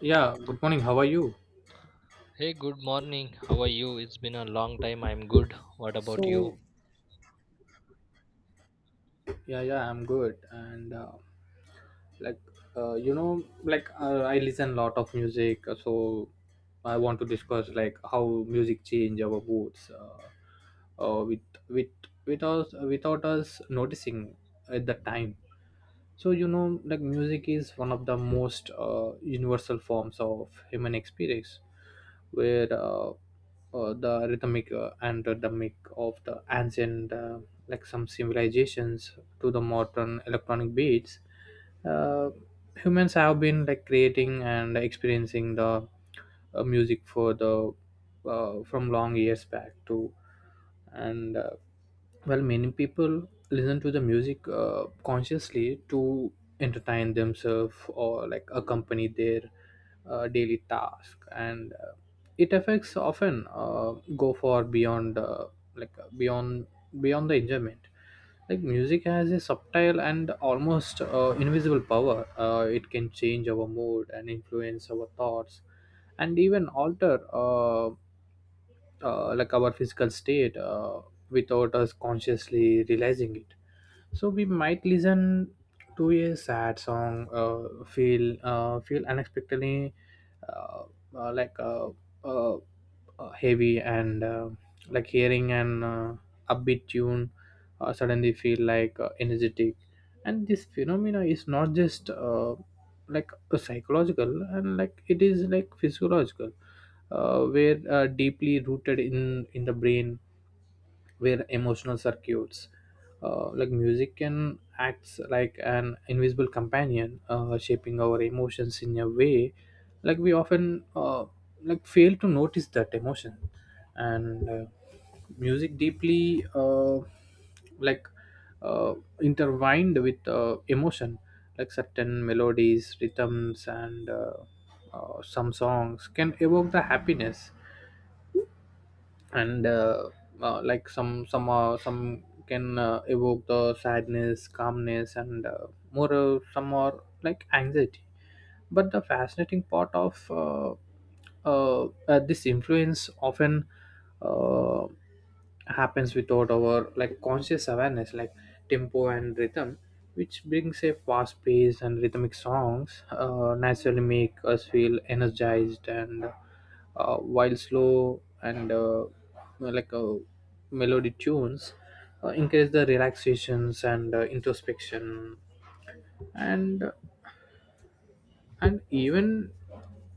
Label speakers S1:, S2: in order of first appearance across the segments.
S1: Yeah, good morning. How are you?
S2: Hey, good morning. How are you? It's been a long time. I'm good. What about
S1: So,
S2: you?
S1: Yeah, yeah, I'm good. And like, like I listen a lot of music, so I want to discuss like how music change our moods, with with with us without us noticing at the time. So like music is one of the most universal forms of human experience, where the rhythmic and rhythmic of the ancient, like some civilizations to the modern electronic beats. uh, Humans have been like creating and experiencing the music for the from long years back too. And well, many people listen to the music consciously to entertain themselves or like accompany their daily task. And it affects often go far beyond, like uh, beyond beyond the enjoyment. Like music has a subtle and almost invisible power. It can change our mood and influence our thoughts, and even alter like our physical state, without us consciously realizing it. So we might listen to a sad song, feel unexpectedly uh, uh, like uh, uh, heavy, and like hearing an upbeat tune, suddenly feel like energetic. And this phenomena is not just like psychological, and like it is like physiological, where deeply rooted in the brain, where emotional circuits. Like music can acts like an invisible companion, shaping our emotions in a way like we often like fail to notice that emotion. And music deeply like uh, intertwined with emotion. Like certain melodies, rhythms, and some songs can evoke the happiness. And like some can evoke the sadness, calmness, and more. Some are like anxiety. But the fascinating part of this influence often uh, happens without our like conscious awareness, like tempo and rhythm, which brings a fast paced and rhythmic songs naturally make us feel energized, and while slow and like uh, melody tunes encourage the relaxations and introspection. And and even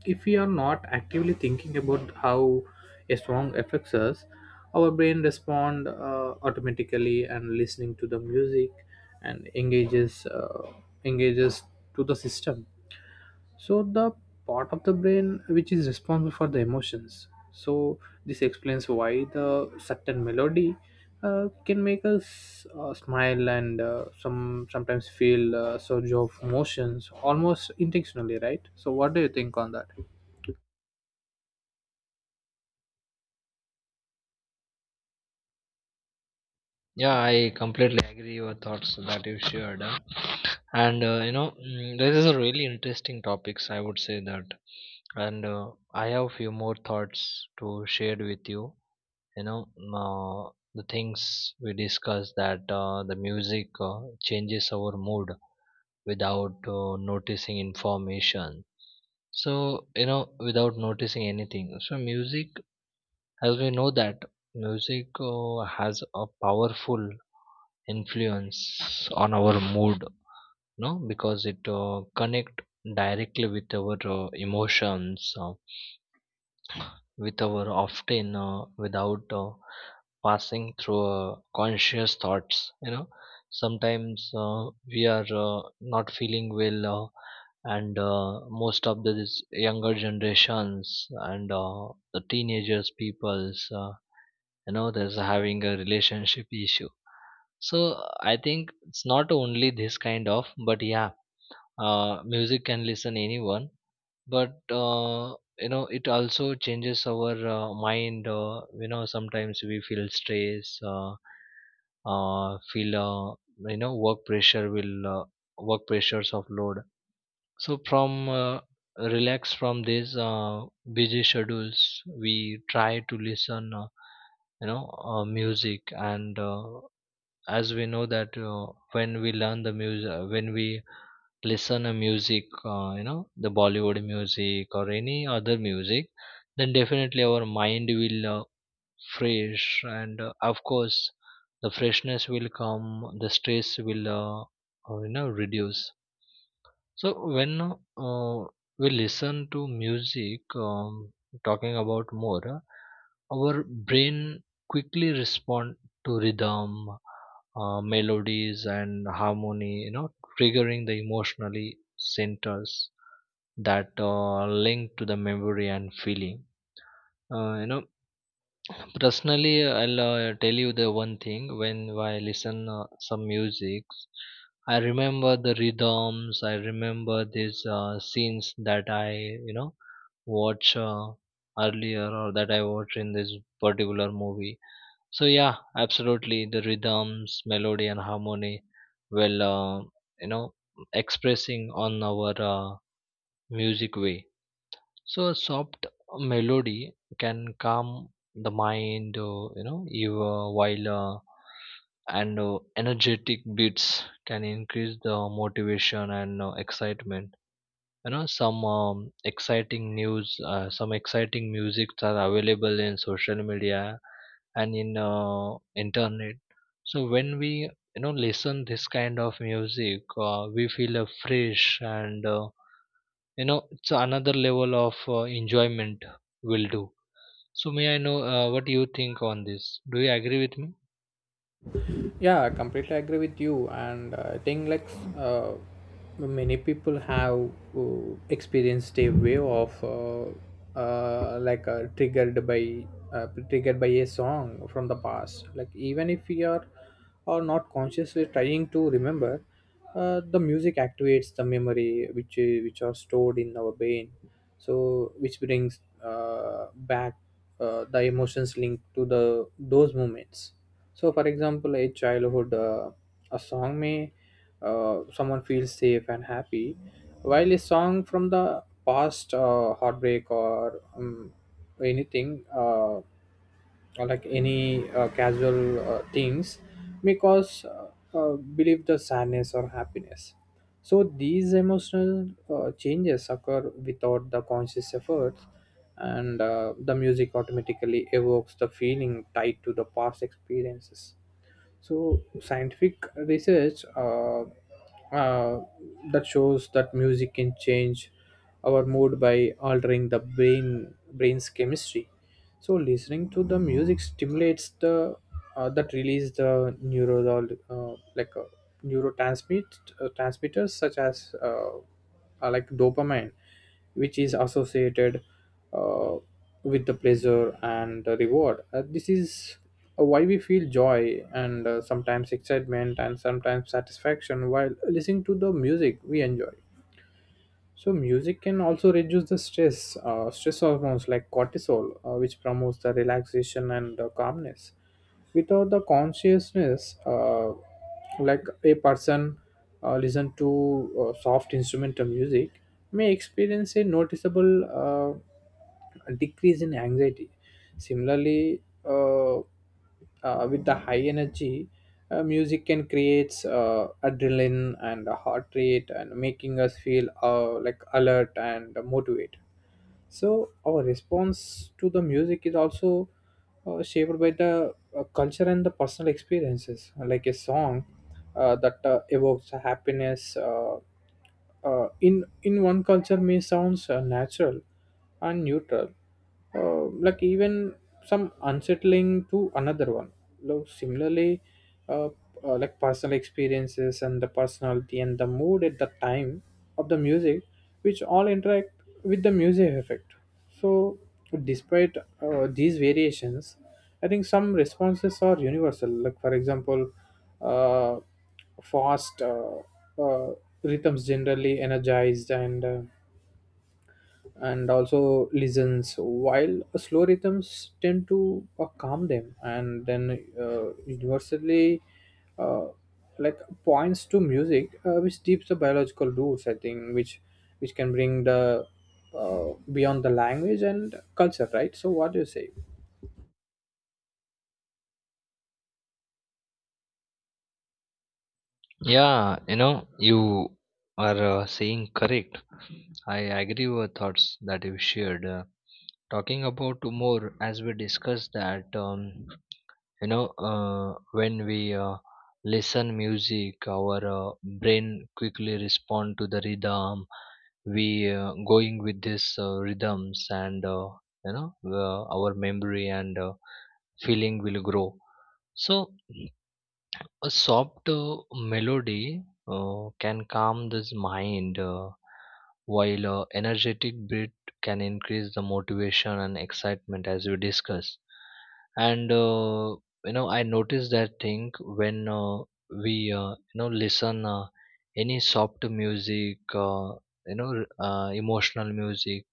S1: if we are not actively thinking about how a song affects us, our brain respond automatically, and listening to the music and engages to the system. So the part of the brain which is responsible for the emotions. So this explains why the certain melody can make us smile, and sometimes feel surge of emotions almost intentionally, right? So what do you think on that?
S2: Yeah, I completely agree your thoughts that you shared. And this is a really interesting topics. I would say that, and I have few more thoughts to share with you. The things we discussed that the music changes our mood without noticing information. So without noticing anything. So music as we know that music has a powerful influence on our mood no because it connect directly with our emotions with our often without passing through conscious thoughts you know sometimes we are not feeling well and most of the this younger generations and the teenagers peoples you know there's having a relationship issue. So I think it's not only this kind of, but yeah, music can listen anyone. But you know it also changes our mind. You know sometimes we feel stress, feel you know work pressure will work pressures of load. So from relax from these busy schedules we try to listen, you know, music. And as we know that when we learn the music when we listen a music, you know, the bollywood music or any other music, then definitely our mind will fresh. And of course the freshness will come, the stress will you know reduce. So when we listen to music, talking about more, our brain quickly respond to rhythm, melodies, and harmony. You know, triggering the emotionally centers that link to the memory and feeling. Uh, you know, Personally, I'll tell you the one thing. When I listen some music, I remember the rhythms, I remember these scenes that I, you know, watch earlier or that I watch in this particular movie. So yeah, absolutely the rhythms, melody and harmony will, you know, expressing on our music way. So a soft melody can calm the mind, you know, you, while and energetic beats can increase the motivation and excitement. You know, some exciting news, some exciting music are available in social media and in internet. So when we listen this kind of music, we feel fresh. And you know it's another level of enjoyment will do. So may I know what you think on this? Do you agree with me?
S1: Yeah, I completely agree with you, and I think like uh, many people have experienced a wave of triggered by a song from the past. Like even if we are or not consciously trying to remember, the music activates the memory, which are stored in our brain. So which brings uh, back the emotions linked to the those moments. So, for example, a childhood a song may someone feels safe and happy, while a song from the past, heartbreak or anything, uh, or like any casual things, may cause believe the sadness or happiness. So these emotional changes occur without the conscious efforts, and the music automatically evokes the feeling tied to the past experiences. So scientific research uh, that shows that music can change our mood by altering the brain's chemistry. So listening to the music stimulates the that release the neural neurotransmit transmitters such as like dopamine, which is associated uh, with the pleasure and the reward. This is why we feel joy, and sometimes excitement, and sometimes satisfaction while listening to the music we enjoy. So music can also reduce stress hormones like cortisol, which promotes the relaxation and calmness. Without the consciousness, like a person listen to soft instrumental music, may experience a noticeable decrease in anxiety. Similarly, with the high energy music can creates adrenaline and a heart rate, and making us feel like alert and motivated. So our response to the music is also shaped by the culture and the personal experiences, like a song that evokes happiness in one culture may sounds natural and neutral, like even some unsettling to another one. Like similarly, uh, like personal experiences and the personality and the mood at the time of the music, which all interact with the music effect. So despite these variations, I think some responses are universal, like for example uh, fast uh, rhythms generally energized, and and also listens, while slow rhythms tend to calm them, and then universally uh, like points to music which deeps the biological roots, I think, which can bring the beyond the language and culture, right? So what do you say?
S2: Yeah, you know, you are saying correct. I agree with your thoughts that you shared. Talking about more, as we discussed that, you know, when we listen music our brain quickly respond to the rhythm. We going with this rhythms, and you know our memory and feeling will grow. So a soft melody can calm this mind, while a energetic beat can increase the motivation and excitement, as we discussed. And you know, I notice that thing when we listen any soft music, emotional music.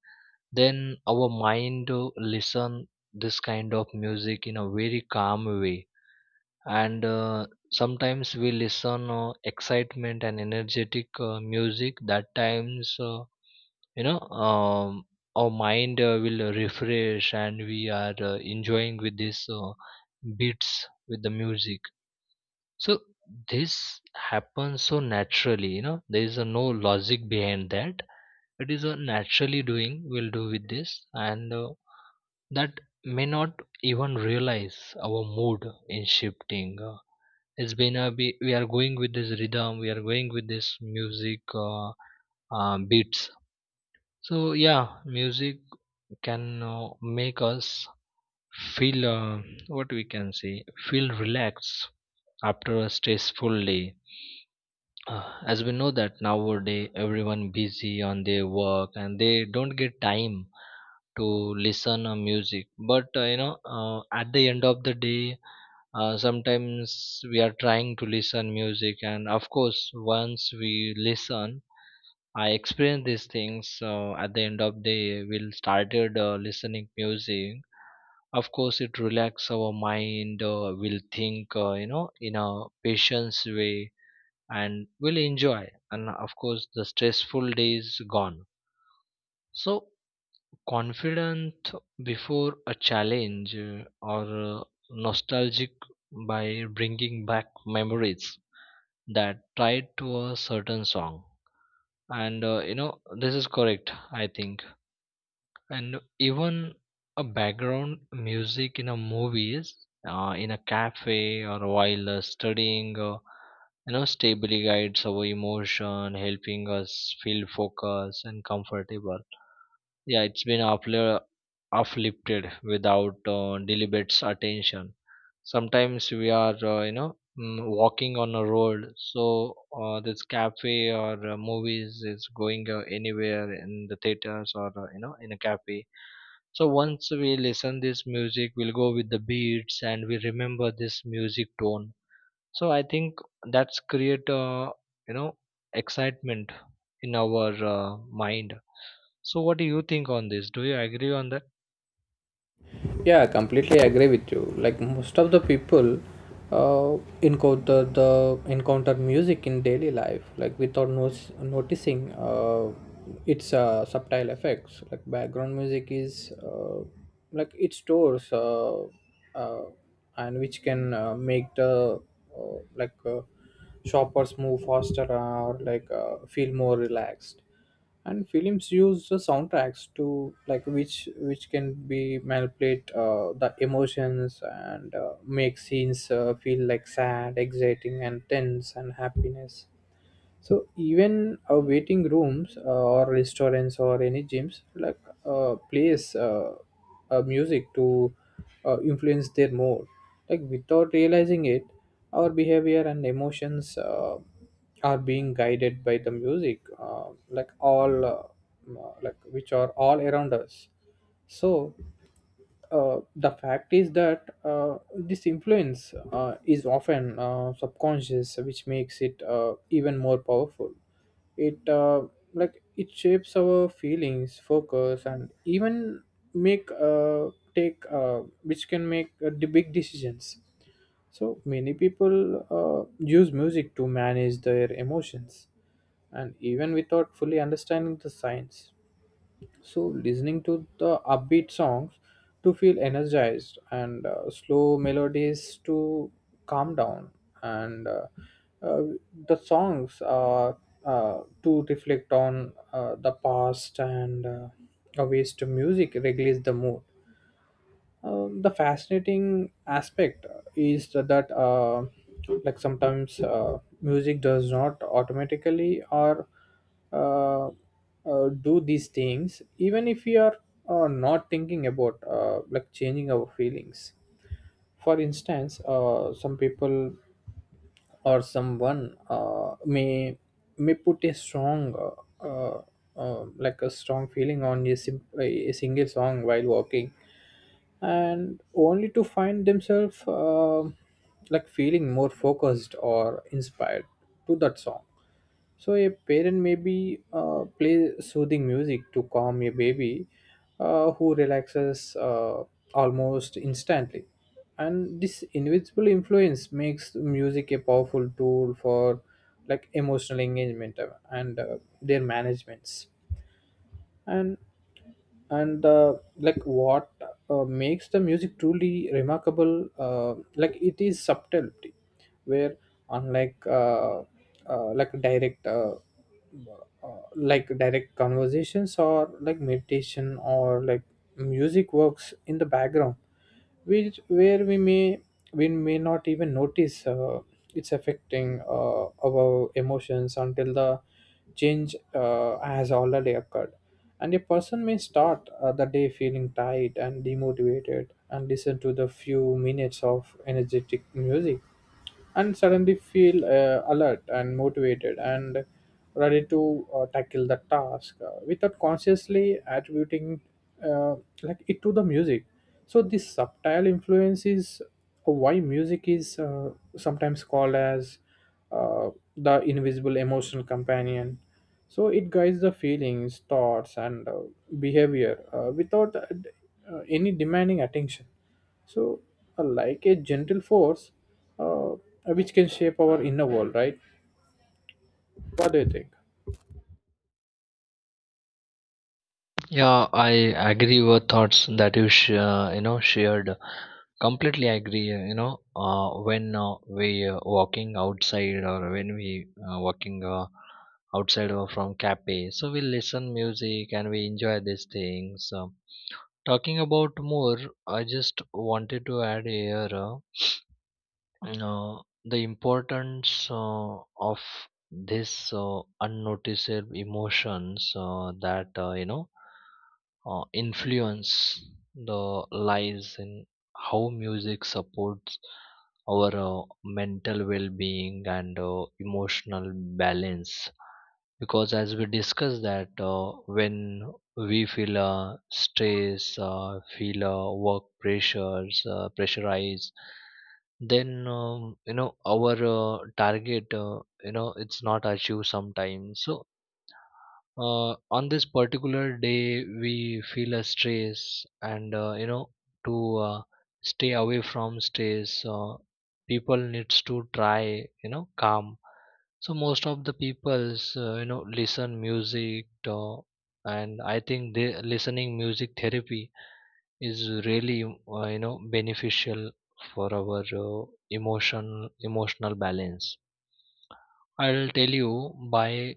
S2: Then our mind listen this kind of music in a very calm way. And sometimes we listen excitement and energetic music, that times you know our mind will refresh and we are enjoying with this beats with the music. So this happens so naturally. You know there is no logic behind that. It is a naturally doing, we'll do with this. And that may not even realize our mood in shifting. It's been a we are going with this rhythm, we are going with this music, beats. So yeah, music can make us feel what we can say, feel relaxed after a stressful day. As we know that nowadays everyone busy on their work and they don't get time to listen music. But you know, at the end of the day, sometimes we are trying to listen music, and of course once we listen, I experience these things. At the end of day we started listening music. Of course it relax our mind. We'll think, you know, in a patience way, and we'll enjoy, and of course the stressful days gone. So confident before a challenge, or nostalgic by bringing back memories that tied to a certain song. And you know this is correct, I think. And even a background music in a movies, in a cafe or while studying, you know stably guides our emotion, helping us feel focused and comfortable. Yeah, uplifted without deliberate attention. Sometimes we are, walking on a road, so this cafe or movies is going anywhere in the theaters or you know in a cafe. So once we listen this music, we'll go with the beats and we remember this music tone. So I think that's create, you know, excitement in our mind. So, what do you think on this? Do you agree on that?
S1: Yeah, I completely agree with you. Like most of the people encounter music in daily life, like without noticing its subtle effects. Like background music is, like it stores, uh, and which can make the uh, like uh, shoppers move faster, or like feel more relaxed. And films use the soundtracks to like which can be manipulate the emotions, and make scenes feel like sad, exciting, and tense, and happiness. So even waiting rooms, or restaurants or any gyms like plays music to influence their mood. Like without realizing it, our behavior and emotions are being guided by the music, like all, like which are all around us. So the fact is that this influence is often subconscious, which makes it even more powerful. It Like it shapes our feelings, focus, and even make take which can make the big decisions. So many people use music to manage their emotions, and even without fully understanding the science. So listening to the upbeat songs to feel energized, and slow melodies to calm down, and uh, the songs are to reflect on the past, and a ways to music regulates the mood. The fascinating aspect is that like sometimes music does not automatically or do these things even if we are not thinking about like changing our feelings. For instance, some people or someone may put uh, uh, a strong feeling on a single song while walking, and only to find themselves like feeling more focused or inspired to that song. So a parent maybe play soothing music to calm a baby who relaxes almost instantly. And this invisible influence makes music a powerful tool for like emotional engagement, and their managements. And and uh, like what makes the music truly remarkable, like it is subtlety, where unlike like direct conversations or like meditation or like, music works in the background, which where we may not even notice it's affecting our emotions until the change has already occurred. And a person may start the day feeling tired and demotivated, and listen to the few minutes of energetic music, and suddenly feel alert and motivated and ready to tackle the task, without consciously attributing uh, like it to the music. So this subtle influence is why music is sometimes called as uh, the invisible emotional companion. So it guides the feelings, thoughts, and behavior without any demanding attention. So, like a gentle force uh, which can shape our inner world, right? What do you think?
S2: Yeah, I agree with thoughts that you sh- you know shared. Completely agree. You know, when we walking outside or when we walking outside or from cafe, so we listen music and we enjoy these things. Talking about more, I just wanted to add here. Uh, the importance of this unnoticeable emotions that you know influence the lies in how music supports our mental well-being and emotional balance. Because as we discussed that when we feel stress, feel work pressures pressurize, then you know our target, you know it's not achieved sometimes. So on this particular day we feel a stress. And you know, to uh, stay away from stress, people needs to try, you know, calm. So most of the people's, you know, listen music. And I think the listening music therapy is really, you know, beneficial for our emotional balance. I'll tell you, by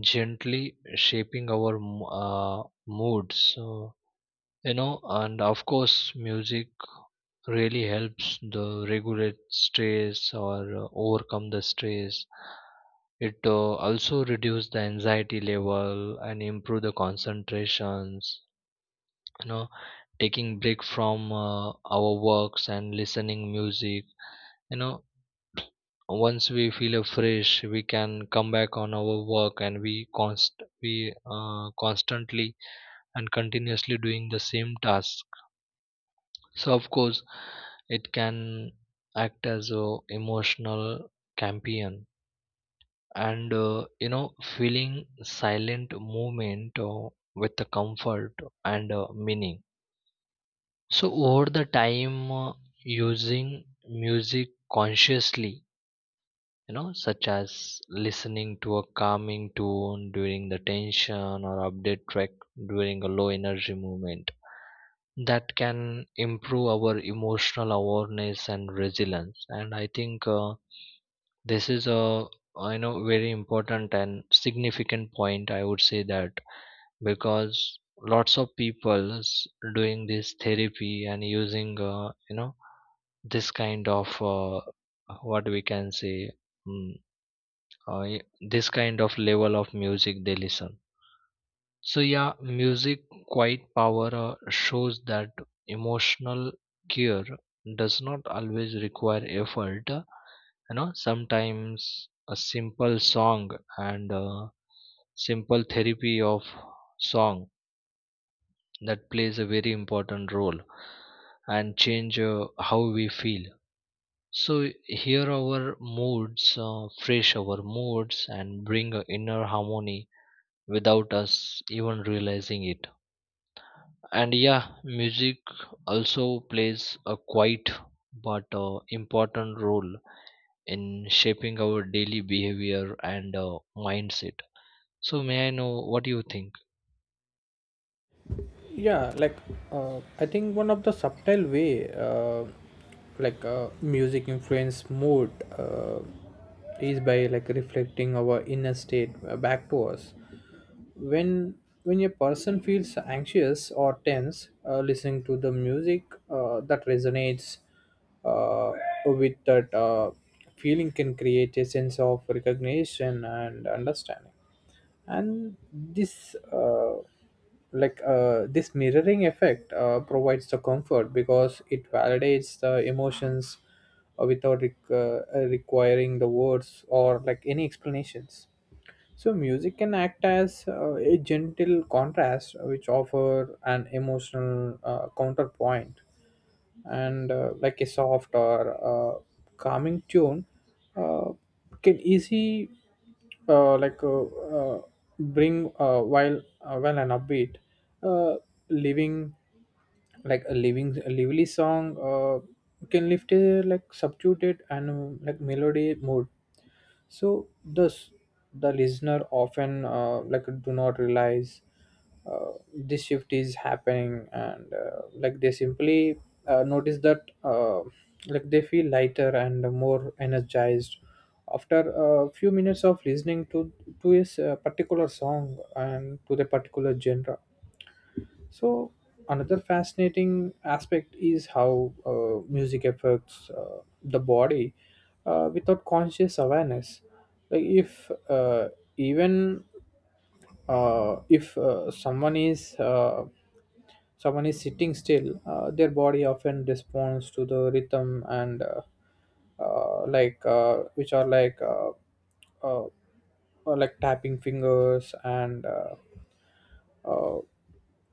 S2: gently shaping our moods. So, you know, and of course, music really helps the regulate stress or overcome the stress. It also reduce the anxiety level and improve the concentrations. You know, taking break from our works and listening music. You know, once we feel fresh, we can come back on our work and we constantly and continuously doing the same task. So of course it can act as a emotional champion. And you know, feeling silent movement with the comfort and meaning. So over the time, using music consciously, you know, such as listening to a calming tune during the tension or update track during a low energy moment, that can improve our emotional awareness and resilience. And I think this is a, you know, very important and significant point, I would say that, because lots of people is doing this therapy and using, you know, this kind of, what we can say, mm, uh, y- this kind of level of music they listen. So yeah, music quite power, shows that emotional care does not always require effort. You know, sometimes a simple song and simple therapy of song, that plays a very important role and change how we feel. So here our moods, fresh our moods and bring a inner harmony without us even realizing it. And yeah, music also plays a quite but important role in shaping our daily behavior and mindset. So may I know what do you think?
S1: Yeah, I think one of the subtle way music influence mood uh, is by reflecting our inner state back to us when a person feels anxious or tense, listening to the music that resonates uh, with that feeling can create a sense of recognition and understanding. And this mirroring effect provides the comfort because it validates the emotions without requiring the words or any explanations. So music can act as a gentle contrast which offer an emotional counterpoint, and a soft or uh, calming tune uh, can easy uh, like uh, uh, bring, while an upbeat uh, living living a lively song can lift a like substituted and melody mood. So thus the listener often do not realize this shift is happening, and they simply notice that they feel lighter and more energized after a few minutes of listening to a particular song and to the particular genre. So another fascinating aspect is how music affects the body without conscious awareness. Like even if someone is sitting still. Their body often responds to the rhythm, and like which are like tapping fingers and uh,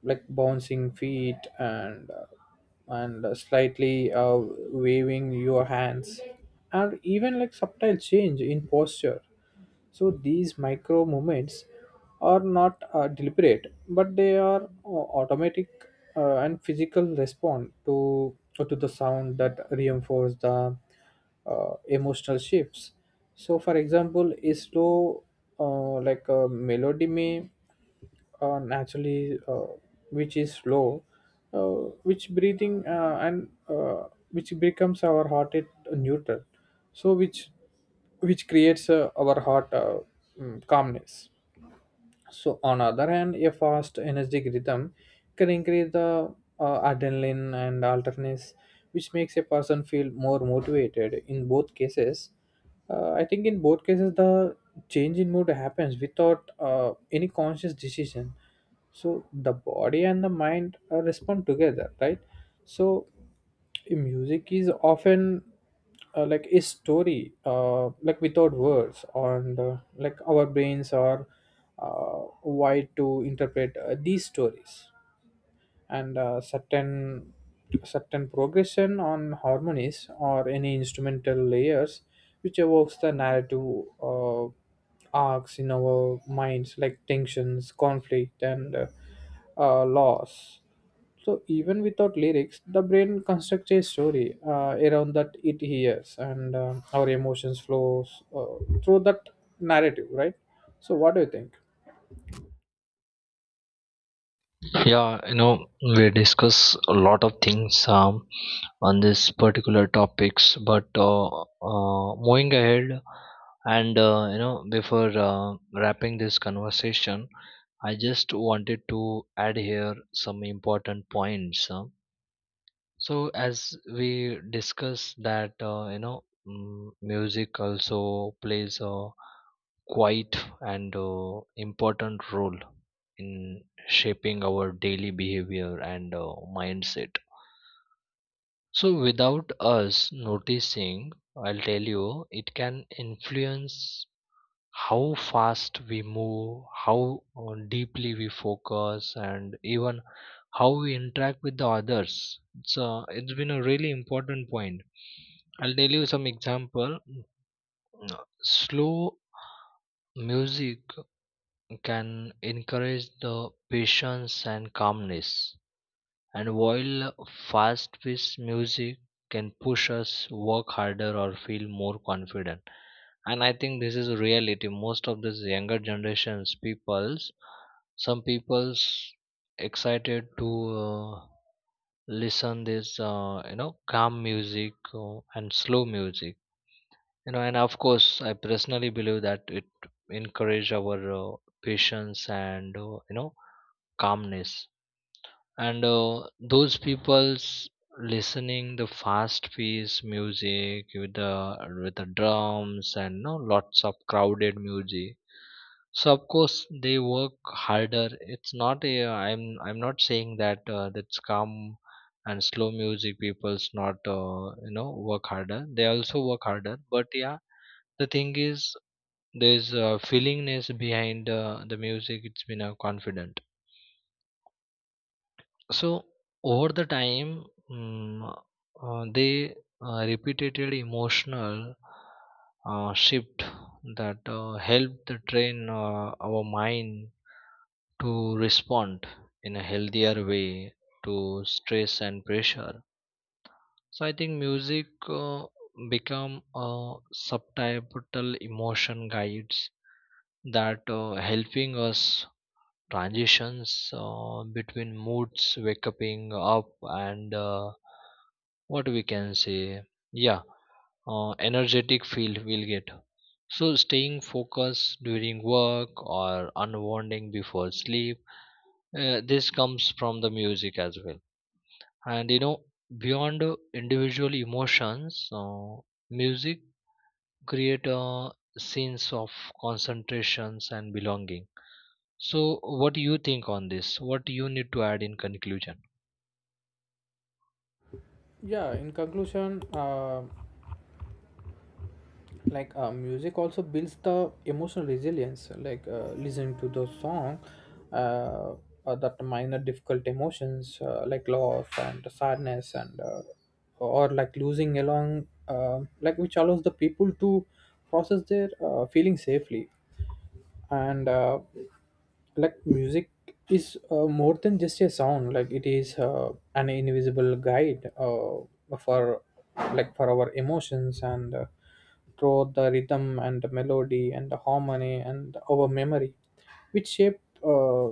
S1: bouncing feet and slightly waving your hands, and even subtle change in posture. So these micro movements are not deliberate, but they are automatic and physical response to the sound that reinforce the emotional shifts. So for example, a slow a melody may naturally, which is slow, which breathing and which becomes our heart at neutral, so which creates our heart, calmness. So on other hand, a fast energetic rhythm can increase the adrenaline and alertness, which makes a person feel more motivated. In both cases, I think, in both cases the change in mood happens without any conscious decision. So the body and the mind respond together, right? So music is often a story without words, and our brains are wired to interpret these stories, and certain progression on harmonies or any instrumental layers which evokes the narrative arcs in our minds, like tensions, conflict and loss. So even without lyrics, the brain constructs a story around that it hears, and our emotions flows through that narrative, right? So what do you think?
S2: Yeah, you know, we discuss a lot of things, on this particular topics. But moving ahead, and you know, before wrapping this conversation, I just wanted to add here some important points. Huh. So as we discuss that, music also plays a quite and important role in shaping our daily behavior and mindset. So without us noticing, I'll tell you, it can influence how fast we move, how deeply we focus, and even how we interact with the others. It's been a really important point. I'll tell you some example. Slow music can encourage the patience and calmness, and while fast paced music can push us work harder or feel more confident. And I think this is a reality. Most of this younger generations peoples, some people's excited to uh, listen this, calm music and slow music, you know, and of course I personally believe that it encourage our patience and, you know, calmness. And those people's listening the fast paced music with the drums and, you know, lots of crowded music, so of course they work harder. It's not a, I'm not saying that that's calm and slow music people's not, you know, work harder. They also work harder. But yeah, the thing is, there's a feelingness behind the music. It's been a confident. So over the time, mm, they repeated emotional shift, that helped the train our mind to respond in a healthier way to stress and pressure. So I think music uh, become a subtitle emotion guides, that helping us transitions between moods, waking up, and what we can say, yeah, energetic feel we'll get. So staying focused during work or unwinding before sleep, this comes from the music as well. And you know, beyond individual emotions, uh, music create a sense of concentrations and belonging. So what do you think on this? What do you need to add in conclusion?
S1: Yeah, in conclusion, music also builds the emotional resilience, like listening to the song uh, that minor difficult emotions loss and sadness and or losing along, which allows the people to process their feelings safely. And music is more than just a sound. Like it is an invisible guide for for our emotions, and through the rhythm and the melody and the harmony and our memory which shape uh,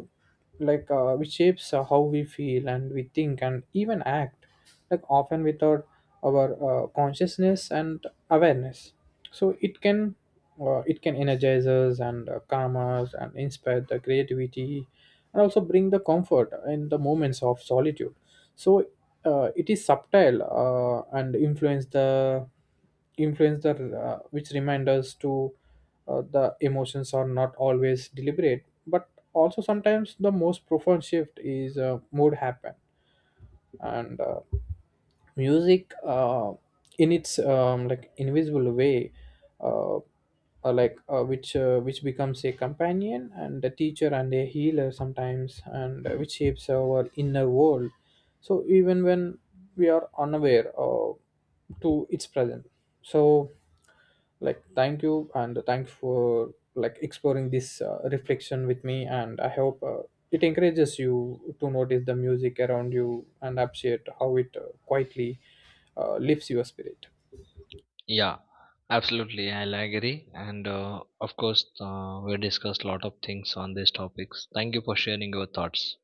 S1: like uh, which shapes how we feel and we think and even act, often without our consciousness and awareness. So it can energize us, and calm us, and inspire the creativity, and also bring the comfort in the moments of solitude. So it is subtle and influence the which remind us to the emotions are not always deliberate, but also sometimes the most profound shift is mood happen. And music, in its invisible way, which becomes a companion and a teacher and a healer sometimes, and which shapes our inner world. So even when we are unaware to its presence. So, thank you, and thanks for exploring this reflection with me, and I hope it encourages you to notice the music around you and appreciate how it quietly lifts your spirit.
S2: Yeah, absolutely. I'll agree. And of course, we discussed a lot of things on these topics. Thank you for sharing your thoughts.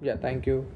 S1: Yeah, thank you.